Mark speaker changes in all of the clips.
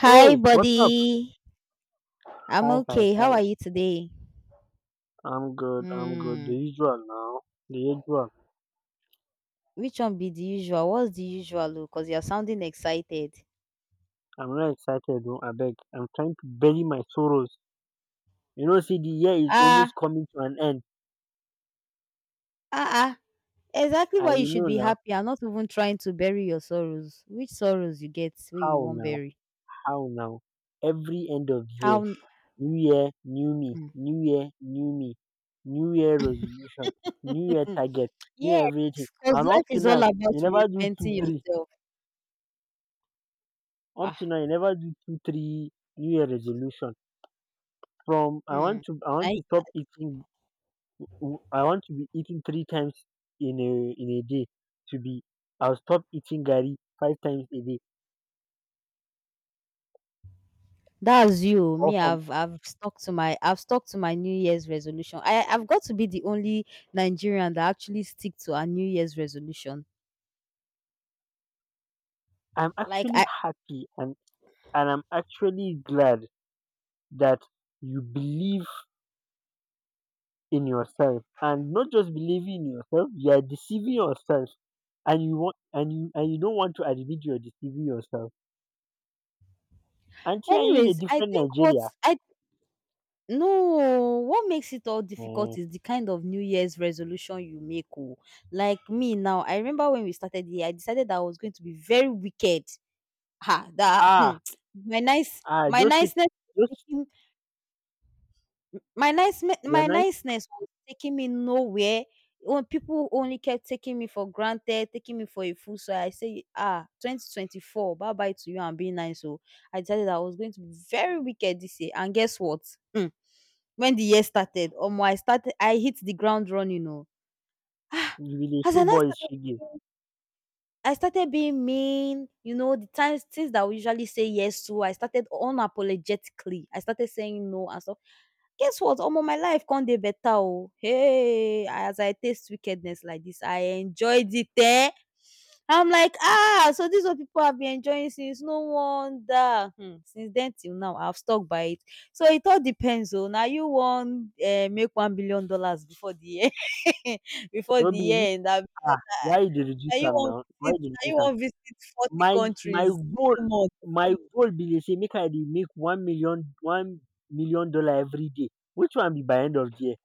Speaker 1: Hi,
Speaker 2: Hey, what's up?
Speaker 1: buddy. I'm
Speaker 2: Hi, hi,
Speaker 1: okay.
Speaker 2: hi.
Speaker 1: How are you today?
Speaker 2: I'm good, I'm good. The
Speaker 1: Hmm.
Speaker 2: usual now. The usual.
Speaker 1: Which one be the usual? What's the usual? Because you're sounding excited.
Speaker 2: I'm not excited, no, I beg. I'm trying to bury my sorrows. You know, see, the year is
Speaker 1: Ah,
Speaker 2: almost coming to an end.
Speaker 1: ah, ah. Exactly
Speaker 2: And
Speaker 1: why you
Speaker 2: you
Speaker 1: should
Speaker 2: know
Speaker 1: be
Speaker 2: now,
Speaker 1: happy. I'm not even trying to bury your sorrows. Which sorrows you get where you
Speaker 2: how
Speaker 1: won't
Speaker 2: now,
Speaker 1: bury?
Speaker 2: how now. Every end of
Speaker 1: How?
Speaker 2: year, new me,
Speaker 1: Mm.
Speaker 2: new year, new me, new year resolution, new year target, new
Speaker 1: Yes,
Speaker 2: everything.
Speaker 1: because
Speaker 2: And up
Speaker 1: life
Speaker 2: to
Speaker 1: is all
Speaker 2: now,
Speaker 1: about
Speaker 2: you never do two,
Speaker 1: reinventing
Speaker 2: three.
Speaker 1: yourself.
Speaker 2: Up
Speaker 1: Ah,
Speaker 2: to now, you never do two, three new year resolution. From I want
Speaker 1: hmm.
Speaker 2: to I
Speaker 1: Nah,
Speaker 2: want to stop eating. I want to be eating three times in a day to be I'll stop eating gari five times a day.
Speaker 1: that's you.
Speaker 2: Or
Speaker 1: Me,
Speaker 2: from
Speaker 1: I've stuck to my New Year's resolution. I've got to be the only Nigerian that actually stick to a New Year's resolution.
Speaker 2: I'm
Speaker 1: Like
Speaker 2: actually
Speaker 1: I
Speaker 2: happy, and I'm actually glad that you believe in yourself, and not just believing in yourself, you are deceiving yourself, and you don't want to admit you're deceiving yourself. And here are you in a
Speaker 1: Anyways, I
Speaker 2: different
Speaker 1: think what
Speaker 2: Nigeria.
Speaker 1: I no, what makes it all difficult
Speaker 2: Eh,
Speaker 1: is the kind of New Year's resolution you make. Oh. Like me now, I remember when we started here, I decided that I was going to be very wicked. Ha, that.
Speaker 2: ah
Speaker 1: my nice
Speaker 2: ah
Speaker 1: my
Speaker 2: just
Speaker 1: niceness
Speaker 2: just
Speaker 1: My nice
Speaker 2: you're
Speaker 1: my
Speaker 2: not.
Speaker 1: niceness was taking me nowhere. When people only kept taking me for granted, taking me for a fool, so I say, "Ah, 2024, bye bye to you and being nice." So I decided I was going to be very wicked this year, and guess what? Hmm, when the year started, omo, I hit the ground running. Oh, ah,
Speaker 2: You be dey
Speaker 1: as
Speaker 2: show
Speaker 1: I now
Speaker 2: boys
Speaker 1: started
Speaker 2: shege.
Speaker 1: I started being mean, the times things that we usually say yes to, I started unapologetically. I started saying no and stuff. Guess what? Omo, my life can't dey better oh. Hey! As I taste wickedness like this, I enjoyed it eh! I'm like ah! So dis one pipu have been enjoying since, no wonder. Hmm, since then till now, I have stuck by it. So it all depends oh. Now you wan make $1 billion dollars before the year before
Speaker 2: No
Speaker 1: the
Speaker 2: be me,
Speaker 1: year end.
Speaker 2: why you dey
Speaker 1: Na
Speaker 2: reduce
Speaker 1: you
Speaker 2: am
Speaker 1: want
Speaker 2: now? Why
Speaker 1: visit
Speaker 2: you dey
Speaker 1: na you
Speaker 2: reduce am?
Speaker 1: want visit 40
Speaker 2: My my
Speaker 1: countries
Speaker 2: goal
Speaker 1: in 2 months.
Speaker 2: my goal be dey sey make I dey make one million one million dollar everyday. Which one be by end of the year?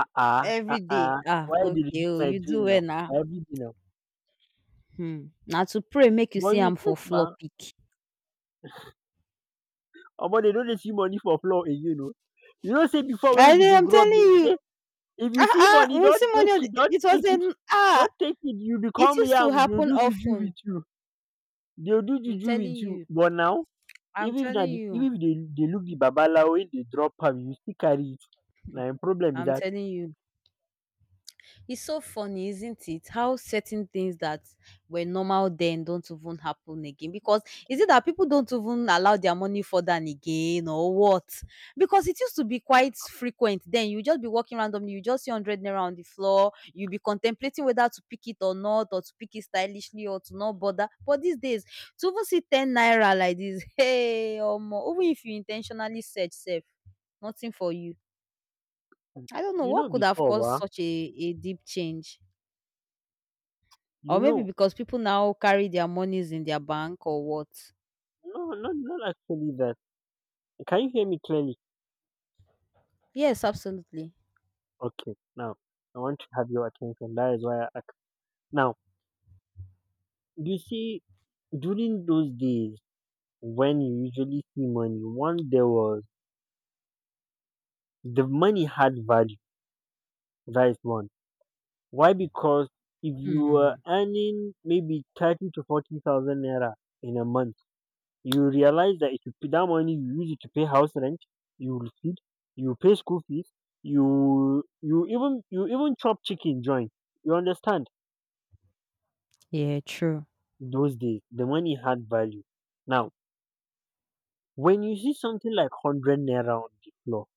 Speaker 2: Ah ah ah
Speaker 1: Everyday.
Speaker 2: ah
Speaker 1: Ah,
Speaker 2: why you dey
Speaker 1: okay
Speaker 2: reduce
Speaker 1: oh,
Speaker 2: my
Speaker 1: you
Speaker 2: dream
Speaker 1: do
Speaker 2: now?
Speaker 1: well now.
Speaker 2: My everyday now.
Speaker 1: Hmm, na to pray make you
Speaker 2: But
Speaker 1: see
Speaker 2: you
Speaker 1: am for
Speaker 2: sef ma,
Speaker 1: floor pick.
Speaker 2: omo dey no dey see money for floor again oh. You know say before when
Speaker 1: I
Speaker 2: we be
Speaker 1: know.
Speaker 2: dey
Speaker 1: I'm
Speaker 2: grow up
Speaker 1: telling
Speaker 2: dey be
Speaker 1: you.
Speaker 2: sey if you
Speaker 1: Ah,
Speaker 2: see
Speaker 1: ah,
Speaker 2: money don take
Speaker 1: Unsimoni,
Speaker 2: it, don
Speaker 1: it was
Speaker 2: take
Speaker 1: a,
Speaker 2: it,
Speaker 1: ah,
Speaker 2: don take it. You
Speaker 1: it
Speaker 2: become
Speaker 1: used to
Speaker 2: yam, dey
Speaker 1: happen
Speaker 2: do juju with
Speaker 1: often.
Speaker 2: you. dey do
Speaker 1: I'm
Speaker 2: juju with
Speaker 1: telling
Speaker 2: you
Speaker 1: you.
Speaker 2: but now,
Speaker 1: I'm
Speaker 2: even if na
Speaker 1: telling
Speaker 2: the
Speaker 1: you.
Speaker 2: even if they they look, the babalawo im dey drop am, you still carry it. Na im problem be
Speaker 1: I'm
Speaker 2: that.
Speaker 1: telling you. It's so funny, isn't it? How certain things that were normal then don't even happen again. Because is it that people don't even allow their money for than again or what? Because it used to be quite frequent. Then you just be walking randomly, you just see 100 naira on the floor, you be contemplating whether to pick it or not, or to pick it stylishly or to not bother. But these days, to even see 10 naira like this, hey, or more, even if you intentionally search, safe, nothing for you. I don't know
Speaker 2: You know
Speaker 1: what could have
Speaker 2: before
Speaker 1: caused
Speaker 2: ba,
Speaker 1: such a deep change.
Speaker 2: you
Speaker 1: Or maybe
Speaker 2: know
Speaker 1: because people now carry their monies in their bank or what?
Speaker 2: no, not actually that. Can you hear me clearly?
Speaker 1: Yes, absolutely.
Speaker 2: Okay, now I want to have your attention. That is why I ask. Now, you see, during those days when you usually see money, one, there was the money had value, that is one. Why? Because if you were
Speaker 1: Hmm.
Speaker 2: earning maybe thirty to forty thousand naira in a month, you realize that if you put that money, you use it to pay house rent, you will feed, you pay school fees, you even chop chicken joint. You understand?
Speaker 1: Yeah, true.
Speaker 2: Those days, the money had value. Now, when you see something like 100 naira on the floor,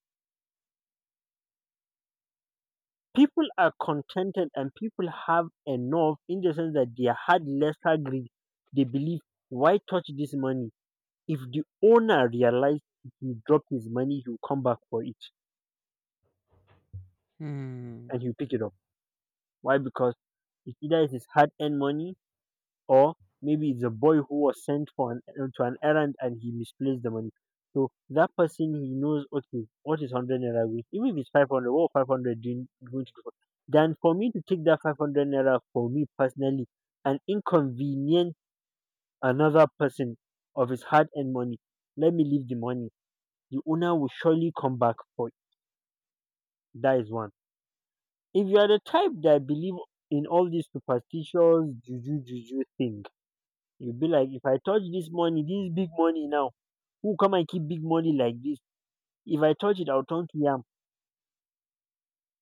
Speaker 2: people are contented and people have enough, in the sense that they had lesser greed. They believe, why touch this money? If the owner realized if he dropped his money, he will come back for it and he'll pick it up. Why? Because it either is his hard-earned money, or maybe it's a boy who was sent for an to an errand and he misplaced the money. So that person, he knows, okay, what is 100 naira going? Even if it's 500, what 500 doing going to do? Than for me to take that 500 naira for me personally and inconvenience another person of his hard-earned money. Let me leave the money. The owner will surely come back for. That is one. If you are the type that believe in all these superstitious juju juju thing, you'll be like, if I touch this money, this big money now, who come and keep big money like this? If I touch it, I'll turn to yam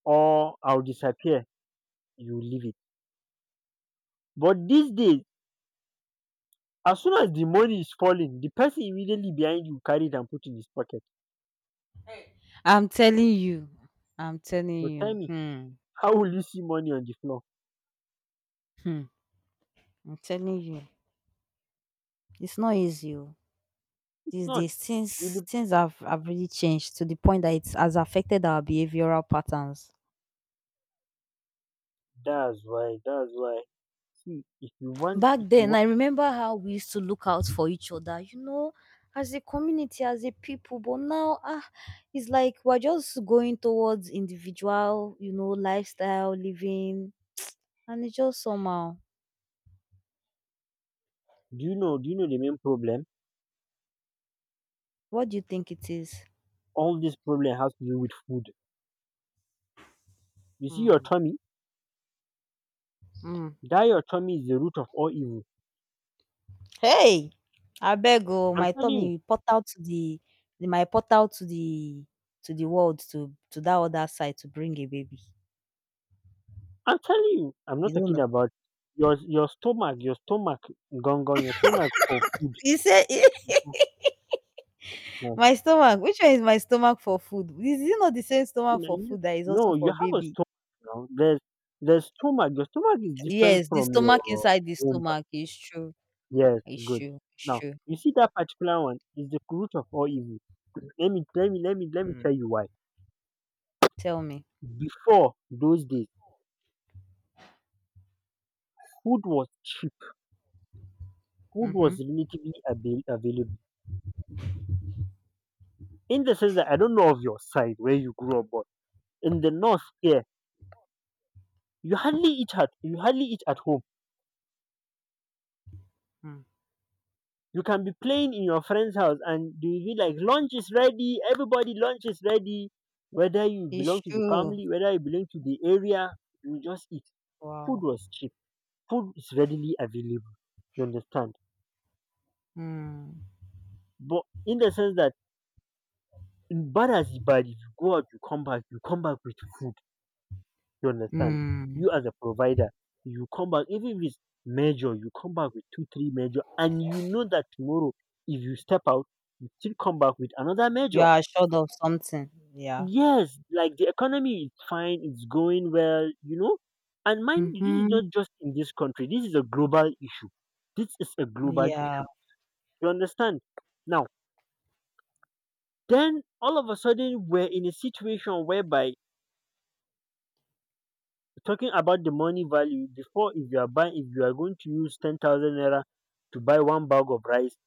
Speaker 2: or I'll disappear. You leave it. But these days, as soon as the money is falling, the person immediately behind you carry it and put in his pocket.
Speaker 1: I'm telling you. I'm telling
Speaker 2: So tell
Speaker 1: you.
Speaker 2: me,
Speaker 1: Hmm.
Speaker 2: how will you see money on the floor?
Speaker 1: Hmm. I'm telling you. It's not easy oh. These
Speaker 2: Not.
Speaker 1: days,
Speaker 2: You
Speaker 1: things
Speaker 2: be,
Speaker 1: things have really changed to the point that it has affected our behavioral patterns.
Speaker 2: that's why. That's why. See,
Speaker 1: Back
Speaker 2: if you
Speaker 1: then,
Speaker 2: want,
Speaker 1: I remember how we used to look out for each other, you know, as a community, as a people. But now, ah, it's like we're just going towards individual, you know, lifestyle, living, and it's just somehow.
Speaker 2: do you know? Do you know the main problem?
Speaker 1: What do you think it is?
Speaker 2: All this problem has to do with food. You see your
Speaker 1: Mm,
Speaker 2: tummy,
Speaker 1: mm.
Speaker 2: that your tummy is the root of all evil.
Speaker 1: Hey, I beg oh,
Speaker 2: I'm
Speaker 1: my
Speaker 2: telling you,
Speaker 1: tummy put out to the my put out to the world to that other side to bring a baby.
Speaker 2: I'm telling you, I'm not
Speaker 1: You don't
Speaker 2: talking
Speaker 1: know.
Speaker 2: about your stomach, your stomach gone, your stomach for food.
Speaker 1: He said.
Speaker 2: Is not-
Speaker 1: My stomach, which one is my stomach for food? Is it not the same
Speaker 2: you
Speaker 1: stomach for
Speaker 2: you-
Speaker 1: food that is also
Speaker 2: No, you
Speaker 1: for
Speaker 2: have a
Speaker 1: baby?
Speaker 2: stomach now. There's stomach. Your stomach is different
Speaker 1: Yes, the
Speaker 2: from
Speaker 1: stomach
Speaker 2: your
Speaker 1: inside the
Speaker 2: own body.
Speaker 1: stomach. Is true.
Speaker 2: Yes,
Speaker 1: It's
Speaker 2: good.
Speaker 1: true. It's
Speaker 2: Now,
Speaker 1: true.
Speaker 2: you see, that particular one is the root of all evil. Let me
Speaker 1: Mm.
Speaker 2: tell you why.
Speaker 1: Tell me.
Speaker 2: Before, those days, food was cheap. Food was
Speaker 1: Mhm.
Speaker 2: relatively available. In the sense that, I don't know of your side where you grew up, but in the north here, you hardly eat at you hardly eat at home.
Speaker 1: Mm.
Speaker 2: You can be playing in your friend's house and they will be like, lunch is ready, everybody, lunch is ready. Whether you
Speaker 1: It's
Speaker 2: belong to the
Speaker 1: true.
Speaker 2: family, whether you belong to the area, you just eat. Food
Speaker 1: Wow.
Speaker 2: was cheap. Food is readily available. You understand?
Speaker 1: Mm.
Speaker 2: But in the sense that, in bad as bad, if you go out, you come back, with food. You understand?
Speaker 1: Mm.
Speaker 2: You, as a provider, you come back, even if it's major, you come back with two, three major, and you know that tomorrow, if you step out, you still come back with another
Speaker 1: You
Speaker 2: major.
Speaker 1: are assured of something. Yeah.
Speaker 2: Yes, like the economy is fine, it's going well, you know. And mind you, this is
Speaker 1: Mhm.
Speaker 2: not just in this country, this is a global issue. This is a global
Speaker 1: Yeah.
Speaker 2: issue. You understand? Now, then all of a sudden, we're in a situation whereby, talking about the money value, before, if you are going to use 10,000 naira to buy one bag of rice,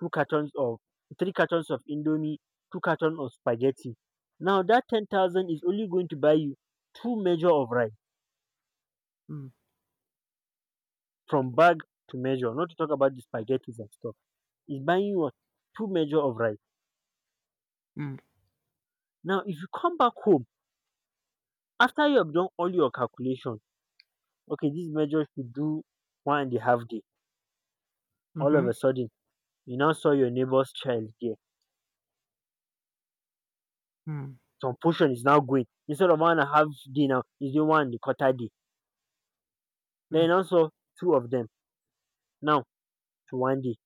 Speaker 2: two cartons of, three cartons of indomie, two cartons of spaghetti. Now that 10,000 is only going to buy you two measure of rice,
Speaker 1: Mm.
Speaker 2: from bag to measure, not to talk about the spaghetti and stuff. It's buying you what? Two measure of rice.
Speaker 1: Mm.
Speaker 2: Now, if you come back home, after you have done all your calculation, okay, this measure should do 1.5 day. All of
Speaker 1: Mhm.
Speaker 2: a sudden, you now saw your neighbor's child there,
Speaker 1: Mm.
Speaker 2: some portion is now going, instead of 1.5 day, now is doing one and a quarter day, then
Speaker 1: Mm.
Speaker 2: also two of them now to one day.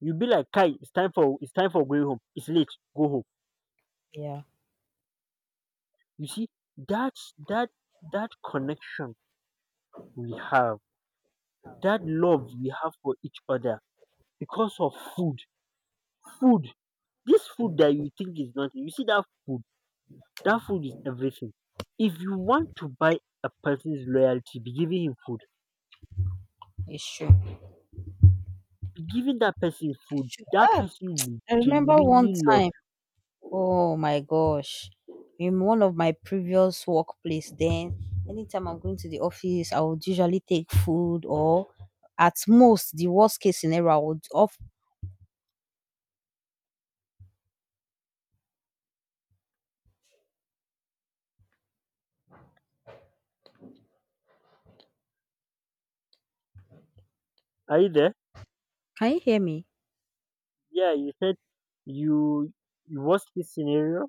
Speaker 2: You be like, kai, it's time for going home, it's late. Go home.
Speaker 1: Yeah.
Speaker 2: You see, that's that connection we have, that love we have for each other, because of food. Food, this food that you think is nothing, you see that food, that food is everything. If you want to buy a person's loyalty, be giving him food.
Speaker 1: It's true.
Speaker 2: Be giving that person
Speaker 1: It's
Speaker 2: food,
Speaker 1: true.
Speaker 2: that person will
Speaker 1: I remember one
Speaker 2: genuinely love
Speaker 1: time. Oh my gosh. In one of my previous workplace then, anytime I'm going to the office, I would usually take food or at most the worst case scenario, I would off.
Speaker 2: you. Are you there?
Speaker 1: Can you hear me?
Speaker 2: Yeah, you said, you, you worst case scenario?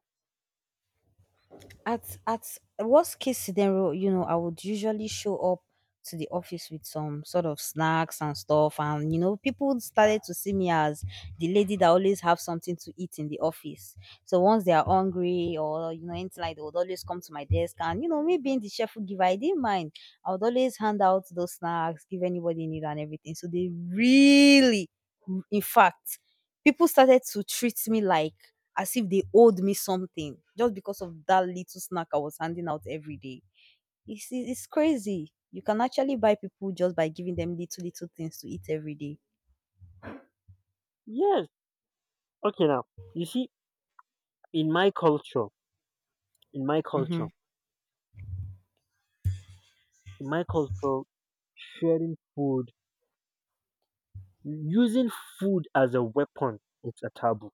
Speaker 1: at worst case scenario, you know, I would usually show up to the office with some sort of snacks and stuff, and you know, people started to see me as the lady that always have something to eat in the office. So once they are hungry or you know anything like, they would always come to my desk, and you know, me being the cheerful giver, I didn't mind. I would always hand out those snacks, give anybody need and everything. So they really, in fact, people started to treat me like as if they owed me something just because of that little snack I was handing out every day. It's crazy. You can actually buy people just by giving them little, little things to eat every day.
Speaker 2: Yes. Okay, now, you see, in my culture, in my culture,
Speaker 1: Mm-hmm.
Speaker 2: in my culture, sharing food, using food as a weapon, it's a taboo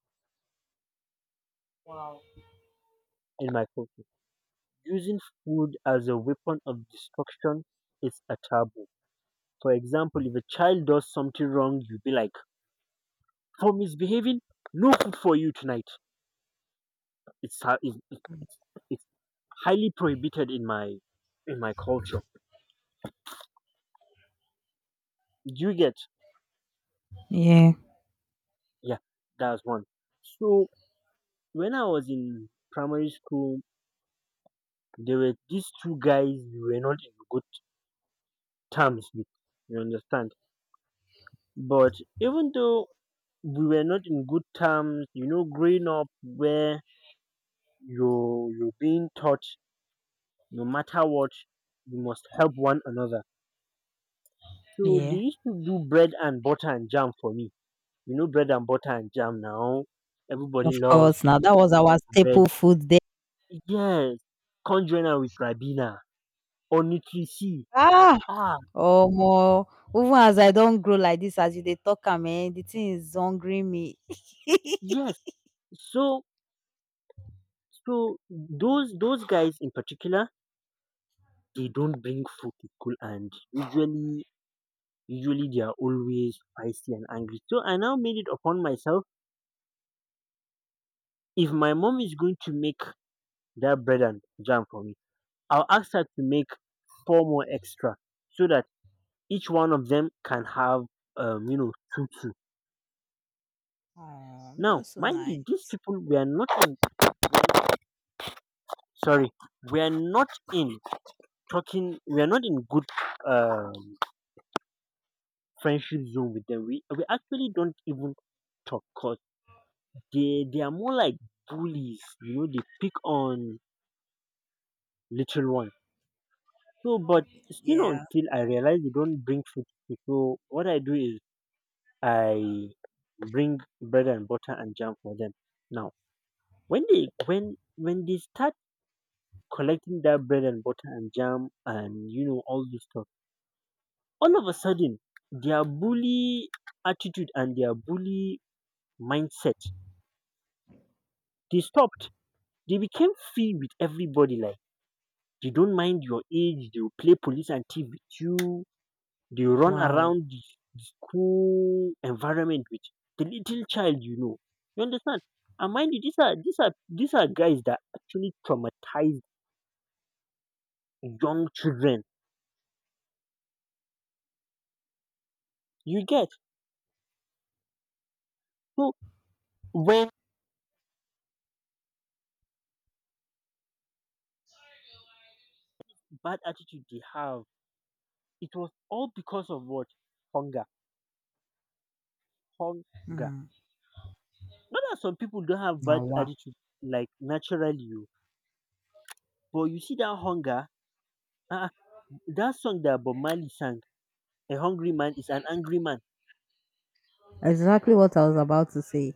Speaker 1: Wow.
Speaker 2: in my culture. Using food as a weapon of destruction, it's a taboo. For example, if a child does something wrong, you'd be like, for misbehaving, no food for you tonight. It's ha- it's highly prohibited in my culture. You get?
Speaker 1: Yeah,
Speaker 2: Yeah, that's one. So when I was in primary school, there were these two guys we were not in good terms with. You understand? But even though we were not in good terms, you know, growing up where you're being taught, no matter what, you must help one another. So they
Speaker 1: yeah,
Speaker 2: used to do bread and butter and jam for me. You know bread and butter and jam now. Everybody
Speaker 1: of
Speaker 2: loves
Speaker 1: course. Now that was our staple
Speaker 2: bread.
Speaker 1: food there.
Speaker 2: Yes. Come with Ribena or Nutri-C.
Speaker 1: Ah,
Speaker 2: Ah,
Speaker 1: oh more. Even as I don't grow like this, as you they talk, man, the thing is hungry me.
Speaker 2: yes. So so those guys in particular, they don't bring food to school, and usually they are always feisty and angry. So I now made it upon myself, if my mom is going to make that bread and jam for me, I'll ask her to make four more extra so that each one of them can have, two two.
Speaker 1: Oh,
Speaker 2: Now,
Speaker 1: that's so
Speaker 2: mind you, these
Speaker 1: nice.
Speaker 2: people were not in, sorry, were not in, talking, we are not in good um friendship zone with them. We actually don't even talk, because they are more like bullies, you know, they pick on little ones. So, but still,
Speaker 1: Yeah.
Speaker 2: until I realize they don't bring food to me. So what I do is I bring bread and butter and jam for them. Now, when they start collecting that bread and butter and jam, and, you know, all this stuff. All of a sudden, their bully attitude and their bully mindset, they stopped. They became free with everybody. Like, they don't mind your age. They will play police and thief with you. They run
Speaker 1: Wow.
Speaker 2: around the school environment with the little child. You know, you understand. And mind you, these are guys that actually traumatize young children. You get so when bad attitude they have, it was all because of what? Hunger. Hunger. Not
Speaker 1: Mm.
Speaker 2: that some people don't have
Speaker 1: Ah,
Speaker 2: bad
Speaker 1: wow.
Speaker 2: attitude, like naturally, you. But you see that hunger, uh, that song that Bob Marley sang, A Hungry Man is an Angry Man.
Speaker 1: Exactly what I was about to say.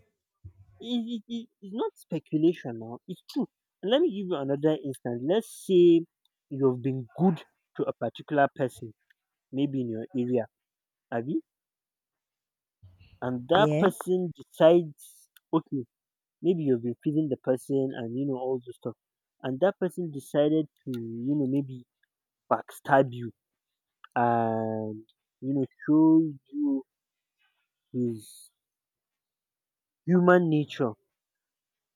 Speaker 2: It's not speculation now, it's true. And let me give you another instance. Let's say you've been good to a particular person, maybe in your area, have you? And that
Speaker 1: Yeah.
Speaker 2: person decides, okay, maybe you've been feeding the person and you know all the stuff and that person decided to you know maybe backstab you and you know show you his human nature.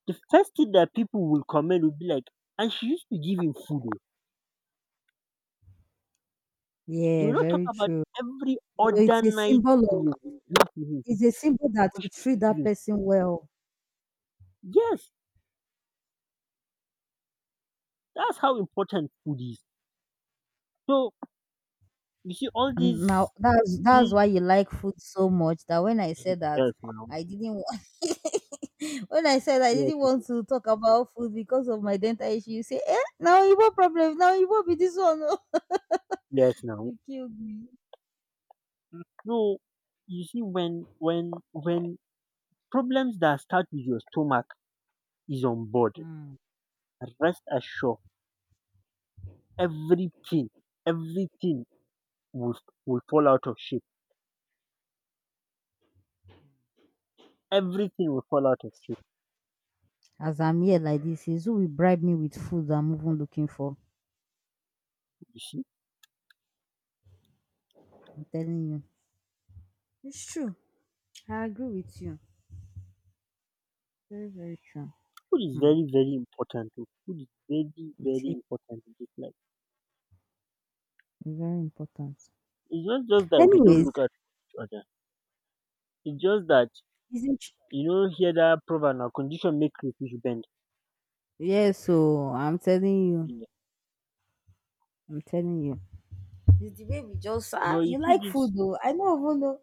Speaker 2: The first thing that people will comment will be like, "And she used to give him food oh." They will
Speaker 1: Yeah,
Speaker 2: not talk
Speaker 1: very
Speaker 2: about
Speaker 1: true.
Speaker 2: every
Speaker 1: You know,
Speaker 2: other night thing you've been to him,
Speaker 1: it's a symbol that
Speaker 2: but
Speaker 1: you
Speaker 2: she used to
Speaker 1: treat
Speaker 2: give
Speaker 1: that
Speaker 2: him,
Speaker 1: person well.
Speaker 2: yes, that's how important food is. So you see all
Speaker 1: N-
Speaker 2: these
Speaker 1: Now that's
Speaker 2: these
Speaker 1: why you like food so much. That when I said that
Speaker 2: yes now,
Speaker 1: I didn't wa-, when I said I didn't
Speaker 2: yes,
Speaker 1: want to talk about food because of my dental issue, you say, eh, now you want problem, now you won't be this one oh."
Speaker 2: yes now.
Speaker 1: You killed me.
Speaker 2: So you see, when when problems that start with your stomach is on board,
Speaker 1: Hmm.
Speaker 2: rest assured, everything, everything will will fall out of shape. Everything will fall out of shape.
Speaker 1: As I'm here like this, is who will bribe me with food I'm even looking for.
Speaker 2: You see,
Speaker 1: I'm telling you. It's true. I agree with you. Very, very true.
Speaker 2: food is
Speaker 1: Hmm.
Speaker 2: very very important oh. Food is very
Speaker 1: It
Speaker 2: very
Speaker 1: is
Speaker 2: important in this life.
Speaker 1: very important.
Speaker 2: It's not just that we don't
Speaker 1: Anyways,
Speaker 2: look at each other. It's just that
Speaker 1: isn't sh-,
Speaker 2: you know hear that proverb now, condition make crayfish bend.
Speaker 1: yes, so I'm telling you,
Speaker 2: Yeah.
Speaker 1: I'm telling you. It's the way we just,
Speaker 2: But you
Speaker 1: you
Speaker 2: see
Speaker 1: like
Speaker 2: this.
Speaker 1: food though. I don't even know.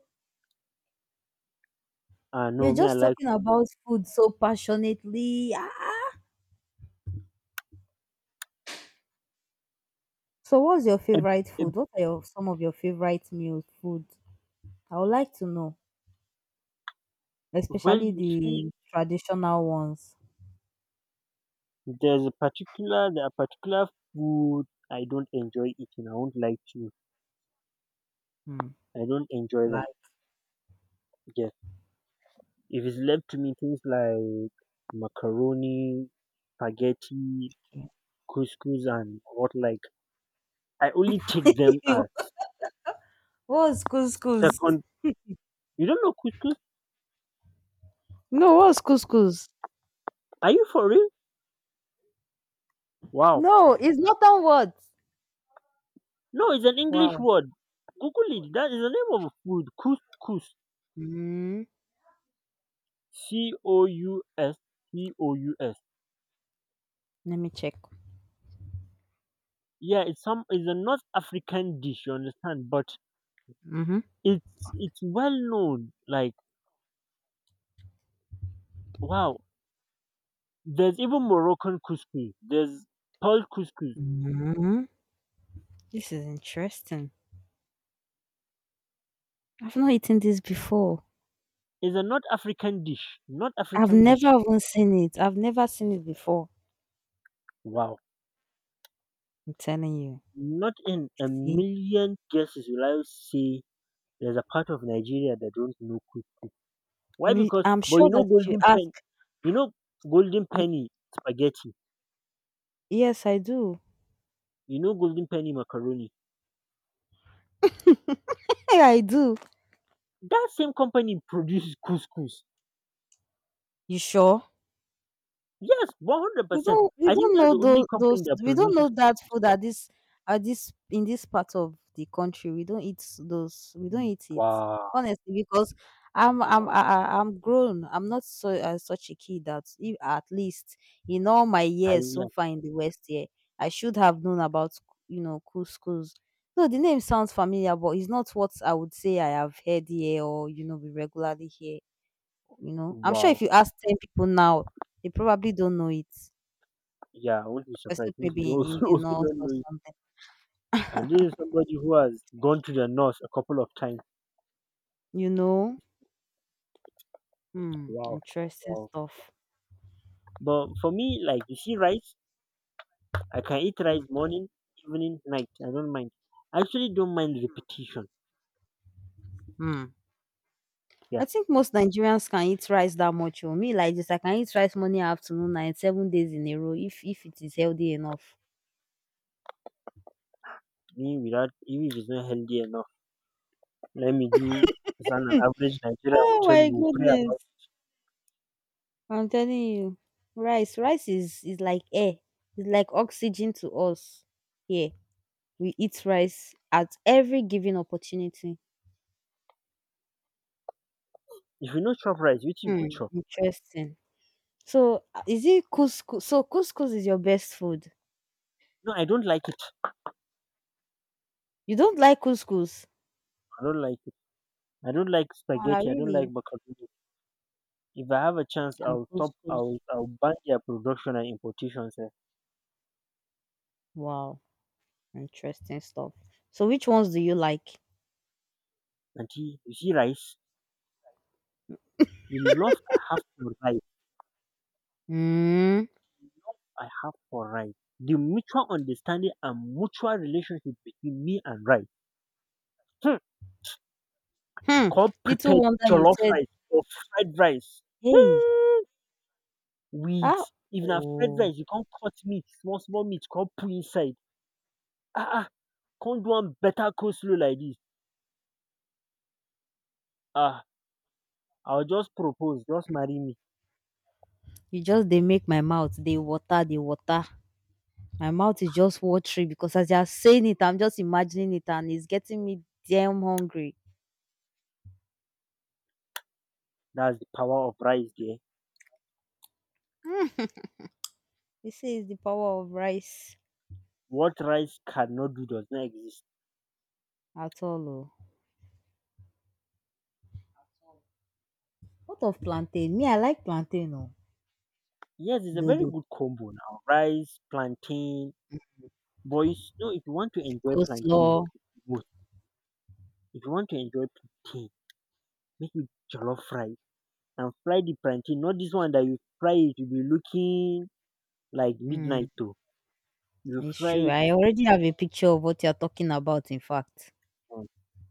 Speaker 2: Ah no,
Speaker 1: You're
Speaker 2: me I
Speaker 1: just
Speaker 2: like
Speaker 1: talking
Speaker 2: food oh.
Speaker 1: about food so passionately. Ah. So what's your
Speaker 2: Eb-
Speaker 1: favorite
Speaker 2: eb-
Speaker 1: food? What are your some of your favorite meals food? I would like to know,
Speaker 2: well,
Speaker 1: especially
Speaker 2: you see,
Speaker 1: the traditional ones.
Speaker 2: there's a particular, there are particular food I don't enjoy eating. I won't lie to you.
Speaker 1: Hmm.
Speaker 2: I don't enjoy
Speaker 1: Like,
Speaker 2: them. Yes, if it's left to me, things like macaroni, spaghetti, couscous, and what like, I only take them as
Speaker 1: what's couscous?
Speaker 2: second. You don't know couscous?
Speaker 1: No, what's couscous?
Speaker 2: Are you for real? Wow.
Speaker 1: No, it's not on what.
Speaker 2: No, it's an English
Speaker 1: Wow.
Speaker 2: word. Google it. That is the name of a food. Couscous.
Speaker 1: Mm,
Speaker 2: C O U S C O U S.
Speaker 1: let me check.
Speaker 2: Yeah, it's some. It's a North African dish. You understand, but it's well known. Like wow, there's even Moroccan couscous. There's Paul couscous.
Speaker 1: Mm-hmm. This is interesting. I've not eaten this before.
Speaker 2: It's a North African dish. North
Speaker 1: I've
Speaker 2: African
Speaker 1: never
Speaker 2: dish.
Speaker 1: even seen it. I've never seen it before.
Speaker 2: Wow.
Speaker 1: I'm telling you.
Speaker 2: Not in
Speaker 1: You
Speaker 2: a
Speaker 1: see?
Speaker 2: million guesses will I say there's a part of Nigeria that don't know couscous. Why?
Speaker 1: We,
Speaker 2: Because
Speaker 1: I'm
Speaker 2: but
Speaker 1: sure
Speaker 2: you know
Speaker 1: that if you
Speaker 2: golden pen,
Speaker 1: ask,
Speaker 2: you know golden penny spaghetti.
Speaker 1: yes, I do.
Speaker 2: You know golden penny macaroni.
Speaker 1: I do.
Speaker 2: That same company produces couscous.
Speaker 1: You sure?
Speaker 2: Yes, one hundred
Speaker 1: We
Speaker 2: percent.
Speaker 1: don't we
Speaker 2: I think
Speaker 1: don't
Speaker 2: that's
Speaker 1: know
Speaker 2: the only company that produces
Speaker 1: that food
Speaker 2: couscous.
Speaker 1: at this in this part of the country. We don't eat those. We don't
Speaker 2: Mm.
Speaker 1: eat it
Speaker 2: Wow,
Speaker 1: honestly because I'm I'm
Speaker 2: wow,
Speaker 1: I, I- I'm grown. I'm not so such a kid that if at least in all my years
Speaker 2: and yeah,
Speaker 1: so far in the West here, I should have known about you know couscous. No, the name sounds familiar, but it's not what I would say I have heard here or you know we regularly hear. You know, I'm sure if
Speaker 2: wow,
Speaker 1: you ask 10 people now, they probably don't know it.
Speaker 2: yeah, I won't be surprised
Speaker 1: Except
Speaker 2: since you
Speaker 1: maybe in
Speaker 2: also
Speaker 1: the
Speaker 2: also
Speaker 1: north
Speaker 2: don't
Speaker 1: or
Speaker 2: know it.
Speaker 1: something,
Speaker 2: And this is somebody who has gone to the north a couple of times.
Speaker 1: you know? Hmm,
Speaker 2: Wow,
Speaker 1: interesting
Speaker 2: wow.
Speaker 1: stuff.
Speaker 2: But for me, like you see, rice, I can eat rice
Speaker 1: Hmm.
Speaker 2: morning, evening, night. I don't mind. I actually don't mind repetition.
Speaker 1: Mm.
Speaker 2: Yeah,
Speaker 1: I think most Nigerians can eat rice that much oh. Me like this, I can eat rice morning, afternoon, night, 7 days in a row if it is healthy enough.
Speaker 2: me without even if it's not healthy enough. Let me do. As an
Speaker 1: Hmm.
Speaker 2: average Nigerian will
Speaker 1: Oh
Speaker 2: tell
Speaker 1: my
Speaker 2: you, pray
Speaker 1: goodness!
Speaker 2: about.
Speaker 1: I'm telling you, rice is like air. It's like oxygen to us. Here, we eat rice at every given opportunity.
Speaker 2: If you know chop rice, which you go
Speaker 1: Hmm,
Speaker 2: chop.
Speaker 1: interesting. So, is it couscous? So, couscous is your best food.
Speaker 2: No, I don't like it.
Speaker 1: You don't like couscous?
Speaker 2: I don't like it. I don't like
Speaker 1: Ah,
Speaker 2: spaghetti. I don't
Speaker 1: really?
Speaker 2: like macaroni. If I have a chance,
Speaker 1: And
Speaker 2: I'll top,
Speaker 1: couscous.
Speaker 2: I'll ban their production and importation, sir.
Speaker 1: Wow, interesting stuff. So which ones do you like?
Speaker 2: Auntie, you see rice? The love I have for rice,
Speaker 1: Mm.
Speaker 2: I have for rice. The mutual understanding and mutual relationship between me and rice. Hmm.
Speaker 1: Hmm.
Speaker 2: Called
Speaker 1: Little
Speaker 2: prepared
Speaker 1: wonder you
Speaker 2: jollof
Speaker 1: said,
Speaker 2: rice or fried rice.
Speaker 1: hey,
Speaker 2: Hmm. With,
Speaker 1: ah,
Speaker 2: if na fried
Speaker 1: oh,
Speaker 2: rice, you can't cut meat, small, small meat, can't put inside. Ah, ah, can't do one better coleslaw like this. Ah, I'll just propose, just marry me.
Speaker 1: you just they make my mouth, they water. My mouth is just watery because as you're saying it, I'm just imagining it and it's getting me damn hungry.
Speaker 2: That's the power of rice there.
Speaker 1: Mm. They say it's the power of rice
Speaker 2: What rice cannot do does not exist.
Speaker 1: at all. Oh. What of plantain? Me, I like plantain, oh.
Speaker 2: Yes, it's a very
Speaker 1: Dodo.
Speaker 2: good combo now. Rice, plantain, boys. No, if you want to enjoy plantain
Speaker 1: Coleslaw.
Speaker 2: most, if you want to enjoy plantain, make it jollof rice and fry the plantain. Not this one that you fry it, you be looking like midnight
Speaker 1: Mm.
Speaker 2: too. You
Speaker 1: It's
Speaker 2: fry
Speaker 1: true.
Speaker 2: it
Speaker 1: I already have a picture of what you're talking about, in fact.
Speaker 2: um,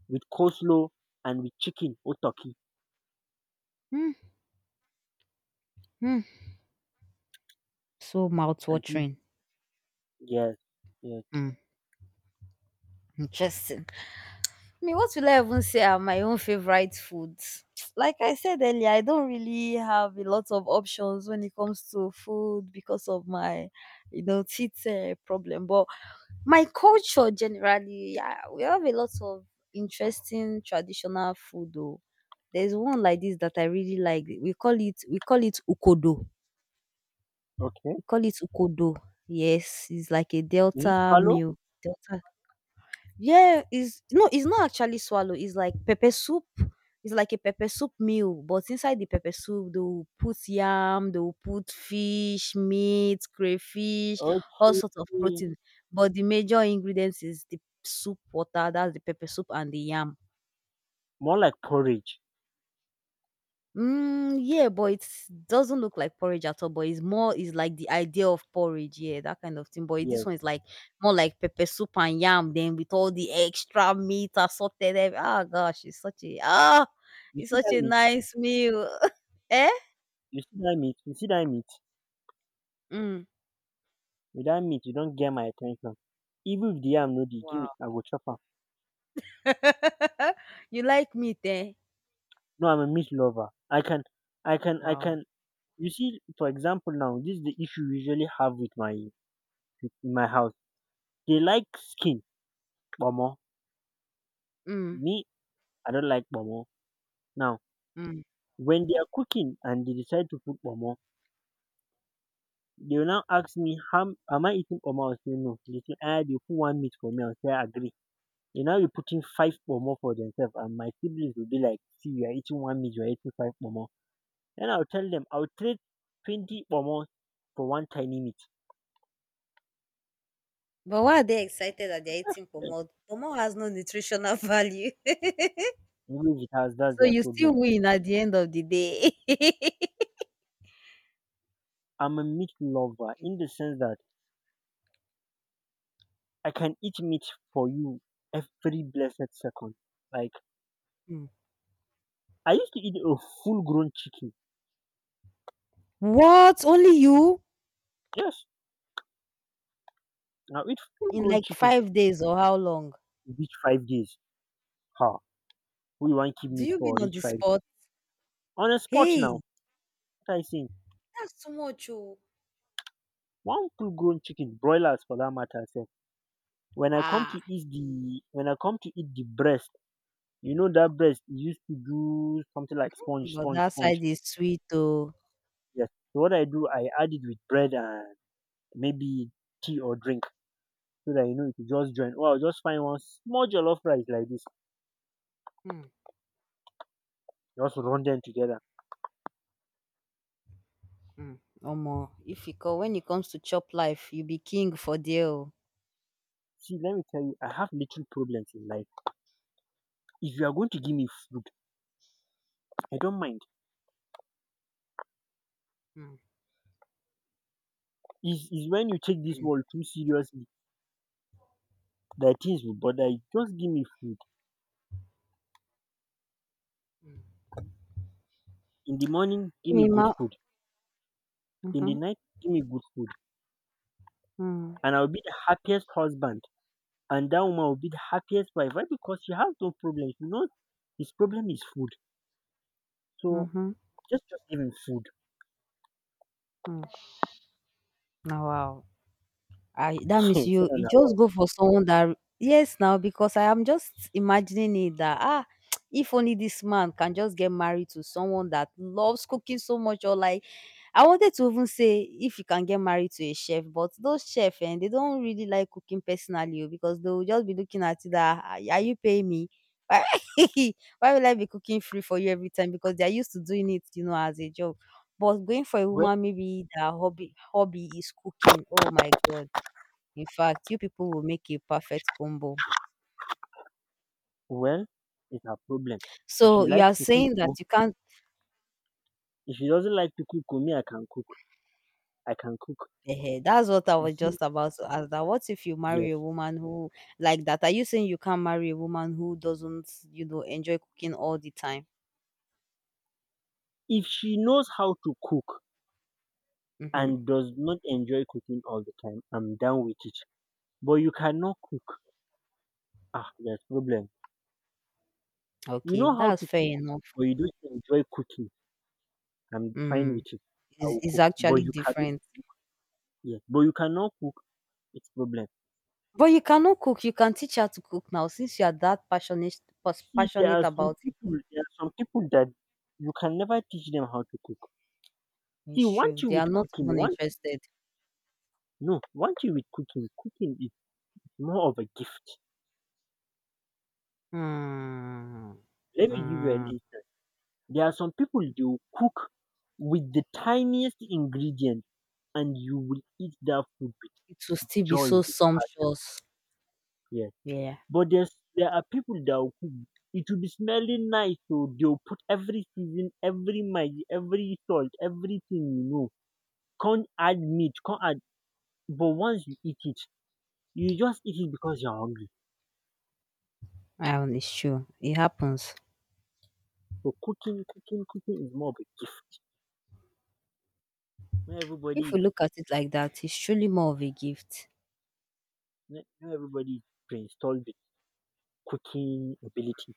Speaker 2: with coleslaw and with chicken or turkey.
Speaker 1: Hmm. Hmm. So
Speaker 2: And you-
Speaker 1: mouth-watering.
Speaker 2: yes, yes,
Speaker 1: Hmm. Interesting. I mean, what will I even say are my own favorite foods? Like I said earlier, I don't really have a lot of options when it comes to food because of my, you know, teeth problem. But my culture generally, yeah, we have a lot of interesting traditional food. Though. There's one like this that I really like. We call it ukodo.
Speaker 2: okay.
Speaker 1: We call it ukodo. Yes, it's like a
Speaker 2: Is it
Speaker 1: delta
Speaker 2: swallow?
Speaker 1: meal. Delta. Yeah, it's no, it's not actually swallow, it's like pepper soup. It's like a pepper soup meal, but inside the pepper soup, they will put yam, they will put fish, meat, crayfish, all
Speaker 2: Okay,
Speaker 1: sorts of protein. But the major ingredients is the soup water, that's the pepper soup and the yam.
Speaker 2: more like porridge.
Speaker 1: Yeah, but it doesn't look like porridge at all. But it's more it's like the idea of porridge, yeah, that kind of thing. But this
Speaker 2: Yes.
Speaker 1: one is like more like pepper soup and yam, then with all the extra meat assorted. Ah, gosh, it's
Speaker 2: You
Speaker 1: it's
Speaker 2: see
Speaker 1: such
Speaker 2: that
Speaker 1: a
Speaker 2: meat?
Speaker 1: nice meal. Eh?
Speaker 2: You see that meat? You see that meat?
Speaker 1: Mm.
Speaker 2: Without meat you don't get my attention. Even if the yam no dey, gimme,
Speaker 1: Wow.
Speaker 2: I go chop am.
Speaker 1: You like meat, eh?
Speaker 2: No, I'm a meat lover. I can I can I
Speaker 1: Wow.
Speaker 2: can you see for example now this is the issue we usually have with my house. They like skin kpomo.
Speaker 1: Mm.
Speaker 2: Me, I don't like kpomo. Now
Speaker 1: Mm.
Speaker 2: when they are cooking and they decide to put kpomo, they will now ask me how am I eating kpomo? I say no. They say ah they put one meat for me. I say I agree. They now be putting five kpomo for themselves and my siblings will be like, "See you are eating one meat, you are eating five kpomo." Then I'll tell them I'll trade 20 or more for one tiny meat.
Speaker 1: But why are they excited that they're eating
Speaker 2: Yeah.
Speaker 1: pomo? Pomo has no nutritional value.
Speaker 2: Maybe it has, that's
Speaker 1: So
Speaker 2: their
Speaker 1: you
Speaker 2: problem.
Speaker 1: still win at the end of the day.
Speaker 2: I'm a meat lover in the sense that I can eat meat for you every blessed second. Like,
Speaker 1: Mm.
Speaker 2: I used to eat a full grown chicken.
Speaker 1: What? Only you?
Speaker 2: Yes, I'll eat full
Speaker 1: In
Speaker 2: grown
Speaker 1: like
Speaker 2: chicken
Speaker 1: 5 days or how long?
Speaker 2: each 5 days. Ha, we want keep
Speaker 1: Do
Speaker 2: meat
Speaker 1: you
Speaker 2: for
Speaker 1: been on
Speaker 2: each
Speaker 1: the
Speaker 2: 5 days.
Speaker 1: spot?
Speaker 2: On a spot now,
Speaker 1: Hey!
Speaker 2: what I saying?
Speaker 1: That's too much, oh.
Speaker 2: One full grown chicken, broilers for that matter, sir. When I come
Speaker 1: Ah!
Speaker 2: to eat the, when I come to eat the breast, you know that breast used to do something like sponge,
Speaker 1: But
Speaker 2: sponge,
Speaker 1: that
Speaker 2: sponge.
Speaker 1: side is sweet oh.
Speaker 2: Yes. So what I do, I add it with bread and maybe tea or drink so that you know it will just join. Or I'll just find one small jollof rice like this,
Speaker 1: Hmm
Speaker 2: just run them together.
Speaker 1: hmm. Omo, if you co when it comes to chop life, you be king for deal.
Speaker 2: See, let me tell you, I have little problems in life. If you are going to give me food, I don't mind.
Speaker 1: Oh. Mm.
Speaker 2: It's when you take this world too seriously that things will bother you. Just give me food. In the morning, give
Speaker 1: Me
Speaker 2: me good
Speaker 1: ma
Speaker 2: food. In the
Speaker 1: mhm,
Speaker 2: night, give me good food.
Speaker 1: mm,
Speaker 2: And I'll be the happiest husband and that woman will be the happiest wife. Why? Because she has no problem. You know, his problem is food. So
Speaker 1: mhm,
Speaker 2: just give him food.
Speaker 1: mm. Na wow. I that means
Speaker 2: Say
Speaker 1: you
Speaker 2: na
Speaker 1: you
Speaker 2: na well,
Speaker 1: just go for someone that, yes now, because I am just imagining it that ah. If only this man can just get married to someone that loves cooking so much, or like, I wanted to even say, if you can get married to a chef. But those chefs, and they don't really like cooking personally oh, because they will just be looking at you that, "Ah, are you paying me, why why will I be cooking free for you every time?" Because they are used to doing it, you know, as a job. But going for a
Speaker 2: well,
Speaker 1: woman, maybe their hobby is cooking, oh my god, in fact, you people will make a perfect combo.
Speaker 2: well, it's her problem. If
Speaker 1: So
Speaker 2: she
Speaker 1: you
Speaker 2: likes
Speaker 1: are
Speaker 2: to cook,
Speaker 1: saying that
Speaker 2: oh,
Speaker 1: you can't.
Speaker 2: if she doesn't like to cook, oh, me I can cook. I can cook.
Speaker 1: Eh, that's what I was
Speaker 2: Is
Speaker 1: just
Speaker 2: it-
Speaker 1: about to ask. That what if you
Speaker 2: yes.
Speaker 1: marry a woman who like that? Are you saying you can't marry a woman who doesn't, you know, enjoy cooking all the time?
Speaker 2: If she knows how to cook
Speaker 1: Hmm.
Speaker 2: and does not enjoy cooking all the time, I'm down with it. But you cannot cook. Ah, there's problem. You
Speaker 1: Okay,
Speaker 2: know how
Speaker 1: that's
Speaker 2: to cook,
Speaker 1: fair enough.
Speaker 2: but you don't enjoy cooking. I'm fine
Speaker 1: Mm.
Speaker 2: with it. I
Speaker 1: It's,
Speaker 2: will
Speaker 1: it's
Speaker 2: cook, but
Speaker 1: actually
Speaker 2: you can.
Speaker 1: different.
Speaker 2: Yes, but you cannot cook, it's problem.
Speaker 1: But you cannot cook. You can teach her to cook now, since you are that passionate pas-
Speaker 2: See, there
Speaker 1: passionate
Speaker 2: are some
Speaker 1: about it.
Speaker 2: people, there are some people that you can never teach them how to cook. See,
Speaker 1: It's
Speaker 2: one
Speaker 1: true.
Speaker 2: thing
Speaker 1: They
Speaker 2: with
Speaker 1: are not
Speaker 2: cooking,
Speaker 1: even
Speaker 2: one,
Speaker 1: interested.
Speaker 2: no, one thing with cooking, cooking is more of a gift.
Speaker 1: Hmm.
Speaker 2: Let me give you an
Speaker 1: Hmm.
Speaker 2: example. There are some people they will cook with the tiniest ingredient, and you will eat that food
Speaker 1: It will
Speaker 2: with
Speaker 1: still be
Speaker 2: joy.
Speaker 1: so
Speaker 2: With-
Speaker 1: sumptuous.
Speaker 2: yes,
Speaker 1: Yeah,
Speaker 2: but there's, there are people that will cook. It will be smelling nice, so they'll put every season, every magic, every salt, everything you know. Can't add meat, can't add, but once you eat it, you just eat it because you're hungry.
Speaker 1: and it's true. It happens.
Speaker 2: So cooking is more of a gift. Not
Speaker 1: If
Speaker 2: everybody,
Speaker 1: we look at it like that, it's truly more of a gift.
Speaker 2: not everybody is pre-installed with cooking ability.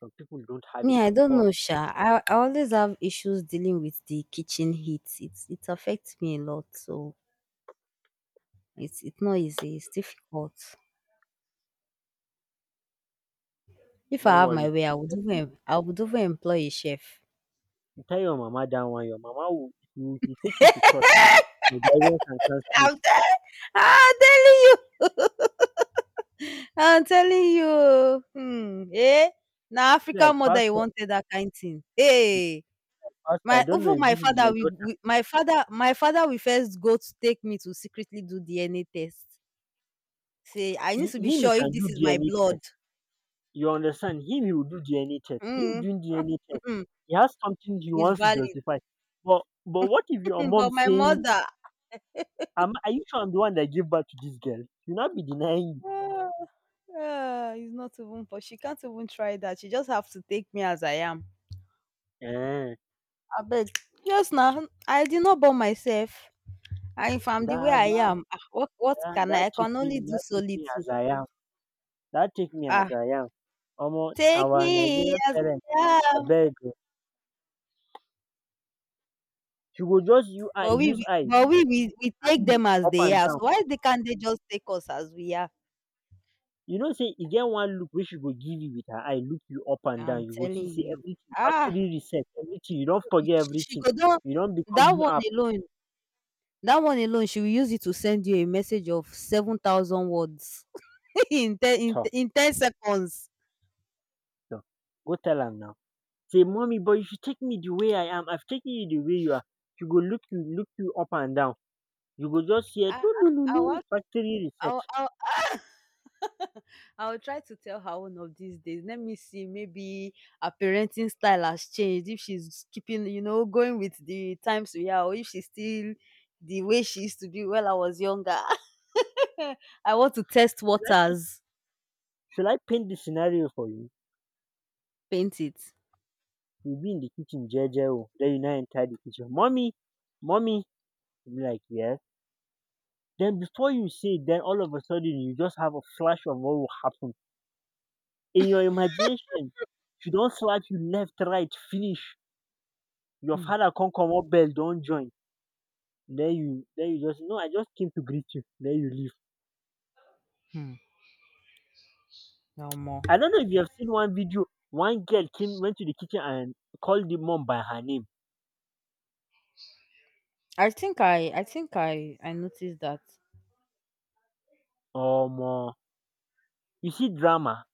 Speaker 2: Some people don't have it
Speaker 1: Me, I
Speaker 2: at
Speaker 1: don't
Speaker 2: all.
Speaker 1: know, Sha. I always have issues dealing with the kitchen heat. It affects me a lot, so it's not easy. It's difficult. If I
Speaker 2: Don't
Speaker 1: have my
Speaker 2: worry.
Speaker 1: way, I would even employ a chef.
Speaker 2: You tell your mama that one. Your mama will will take you to church. Your guidance and counseling.
Speaker 1: I'm, t- I'm telling you, hmm, eh? Now
Speaker 2: Be like,
Speaker 1: African mother, you
Speaker 2: "Pastor,
Speaker 1: wanted that kind thing. Hey.
Speaker 2: pastor, I don't know if
Speaker 1: My
Speaker 2: this is my
Speaker 1: father
Speaker 2: daughter."
Speaker 1: will first go to take me to secretly do DNA test. Say, "I need
Speaker 2: He,
Speaker 1: to be
Speaker 2: him he
Speaker 1: sure if
Speaker 2: can do
Speaker 1: this is my
Speaker 2: DNA
Speaker 1: blood."
Speaker 2: test. You understand? Him, he will do DNA test. Him
Speaker 1: Mm,
Speaker 2: doing DNA test,
Speaker 1: mhm,
Speaker 2: he has something he
Speaker 1: it's
Speaker 2: wants to
Speaker 1: valid.
Speaker 2: justify. But what if your mom
Speaker 1: But my
Speaker 2: saying,
Speaker 1: mother,
Speaker 2: "Am are you sure I'm the one that gave birth to this girl?" You not be denying.
Speaker 1: ah, it's not even po she can't even try that. She just have to take me as I am.
Speaker 2: Eh,
Speaker 1: I Abeg, just now, I did not born myself. I'm the way
Speaker 2: that
Speaker 1: I
Speaker 2: that
Speaker 1: am, ah, what
Speaker 2: that
Speaker 1: can
Speaker 2: that
Speaker 1: I
Speaker 2: take
Speaker 1: can
Speaker 2: me,
Speaker 1: only do
Speaker 2: that take me as
Speaker 1: solitude.
Speaker 2: I am. That take me as
Speaker 1: Ah,
Speaker 2: I am. Omo,
Speaker 1: take
Speaker 2: our
Speaker 1: me
Speaker 2: Nigerian
Speaker 1: as
Speaker 2: parents,
Speaker 1: I am.
Speaker 2: abeg, oh, she go just you I
Speaker 1: But
Speaker 2: use eye,
Speaker 1: we
Speaker 2: eye
Speaker 1: take
Speaker 2: you
Speaker 1: them as
Speaker 2: up
Speaker 1: they
Speaker 2: and
Speaker 1: are. So
Speaker 2: down.
Speaker 1: why they can't they just take us as we are?
Speaker 2: You know say e get one look wey she go give you with her eye, look you up and down,
Speaker 1: I'm
Speaker 2: you go see
Speaker 1: telling
Speaker 2: sey
Speaker 1: you.
Speaker 2: everything
Speaker 1: Ah,
Speaker 2: factory reset, everything you don forget
Speaker 1: she
Speaker 2: everything,
Speaker 1: go down
Speaker 2: you don become
Speaker 1: that
Speaker 2: new
Speaker 1: one
Speaker 2: app.
Speaker 1: alone. That one alone, she will use it to send you a message of 7,000 words in
Speaker 2: Tor!
Speaker 1: 10 seconds.
Speaker 2: Tor! Go tell am now say, "Mommy, but you should take me the way I am, I've taken you the way you are". She go look you, look you up and down, you go just hear
Speaker 1: I
Speaker 2: 'tululu'
Speaker 1: want.
Speaker 2: factory reset.
Speaker 1: I'll, I'll, I'll try to tell her one of these days. Let me see. Maybe her parenting style has changed. If she's keeping, you know, going with the times we are, or if she's still the way she used to be when I was younger. I want to test
Speaker 2: Should I paint
Speaker 1: waters.
Speaker 2: should I paint the scenario for you?
Speaker 1: Paint it.
Speaker 2: You be in the kitchen jeje o, den you now enter the kitchen, mommy. Mommy, you be like "yes". Then before you say it, then all of a sudden you just have a flash of what will happen. In your imagination, you don't slap you left, right, finish. Your
Speaker 1: Hmm.
Speaker 2: father can't come up, bell don't join. Then you just no I just came to greet you, then you leave.
Speaker 1: Hmm. No more.
Speaker 2: I don't know if you have seen one video, one girl came went to the kitchen and called the mom by her name.
Speaker 1: I think I noticed that.
Speaker 2: Omo, you see drama.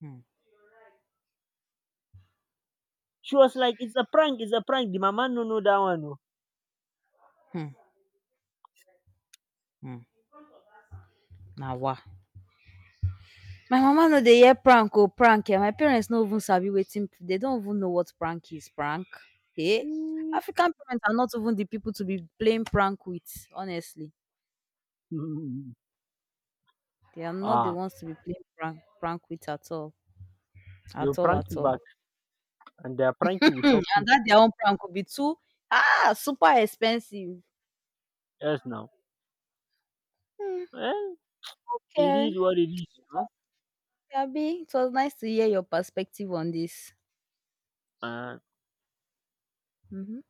Speaker 1: Hmm.
Speaker 2: She was like, "It's a prank, it's a prank." The mama no know dat one o.
Speaker 1: Hmm. Hmm. Now what? My mama no dey hear prank or prank. Eh. My parents no even sabi wetin, they don't even know what prank is. Prank. Hey. African parents are not even the people to be playing prank with, honestly. They are not the
Speaker 2: Ah,
Speaker 1: ones to be playing prank with at all.
Speaker 2: they will
Speaker 1: At all,
Speaker 2: prank
Speaker 1: at
Speaker 2: you
Speaker 1: all.
Speaker 2: back and their prank you will shock you.
Speaker 1: And that their own prank will be too, super expensive.
Speaker 2: Yes now.
Speaker 1: Hmm.
Speaker 2: Well, it
Speaker 1: Okay.
Speaker 2: is what it is, you
Speaker 1: Abby, it was nice to hear your perspective on this.
Speaker 2: know.
Speaker 1: Mhm.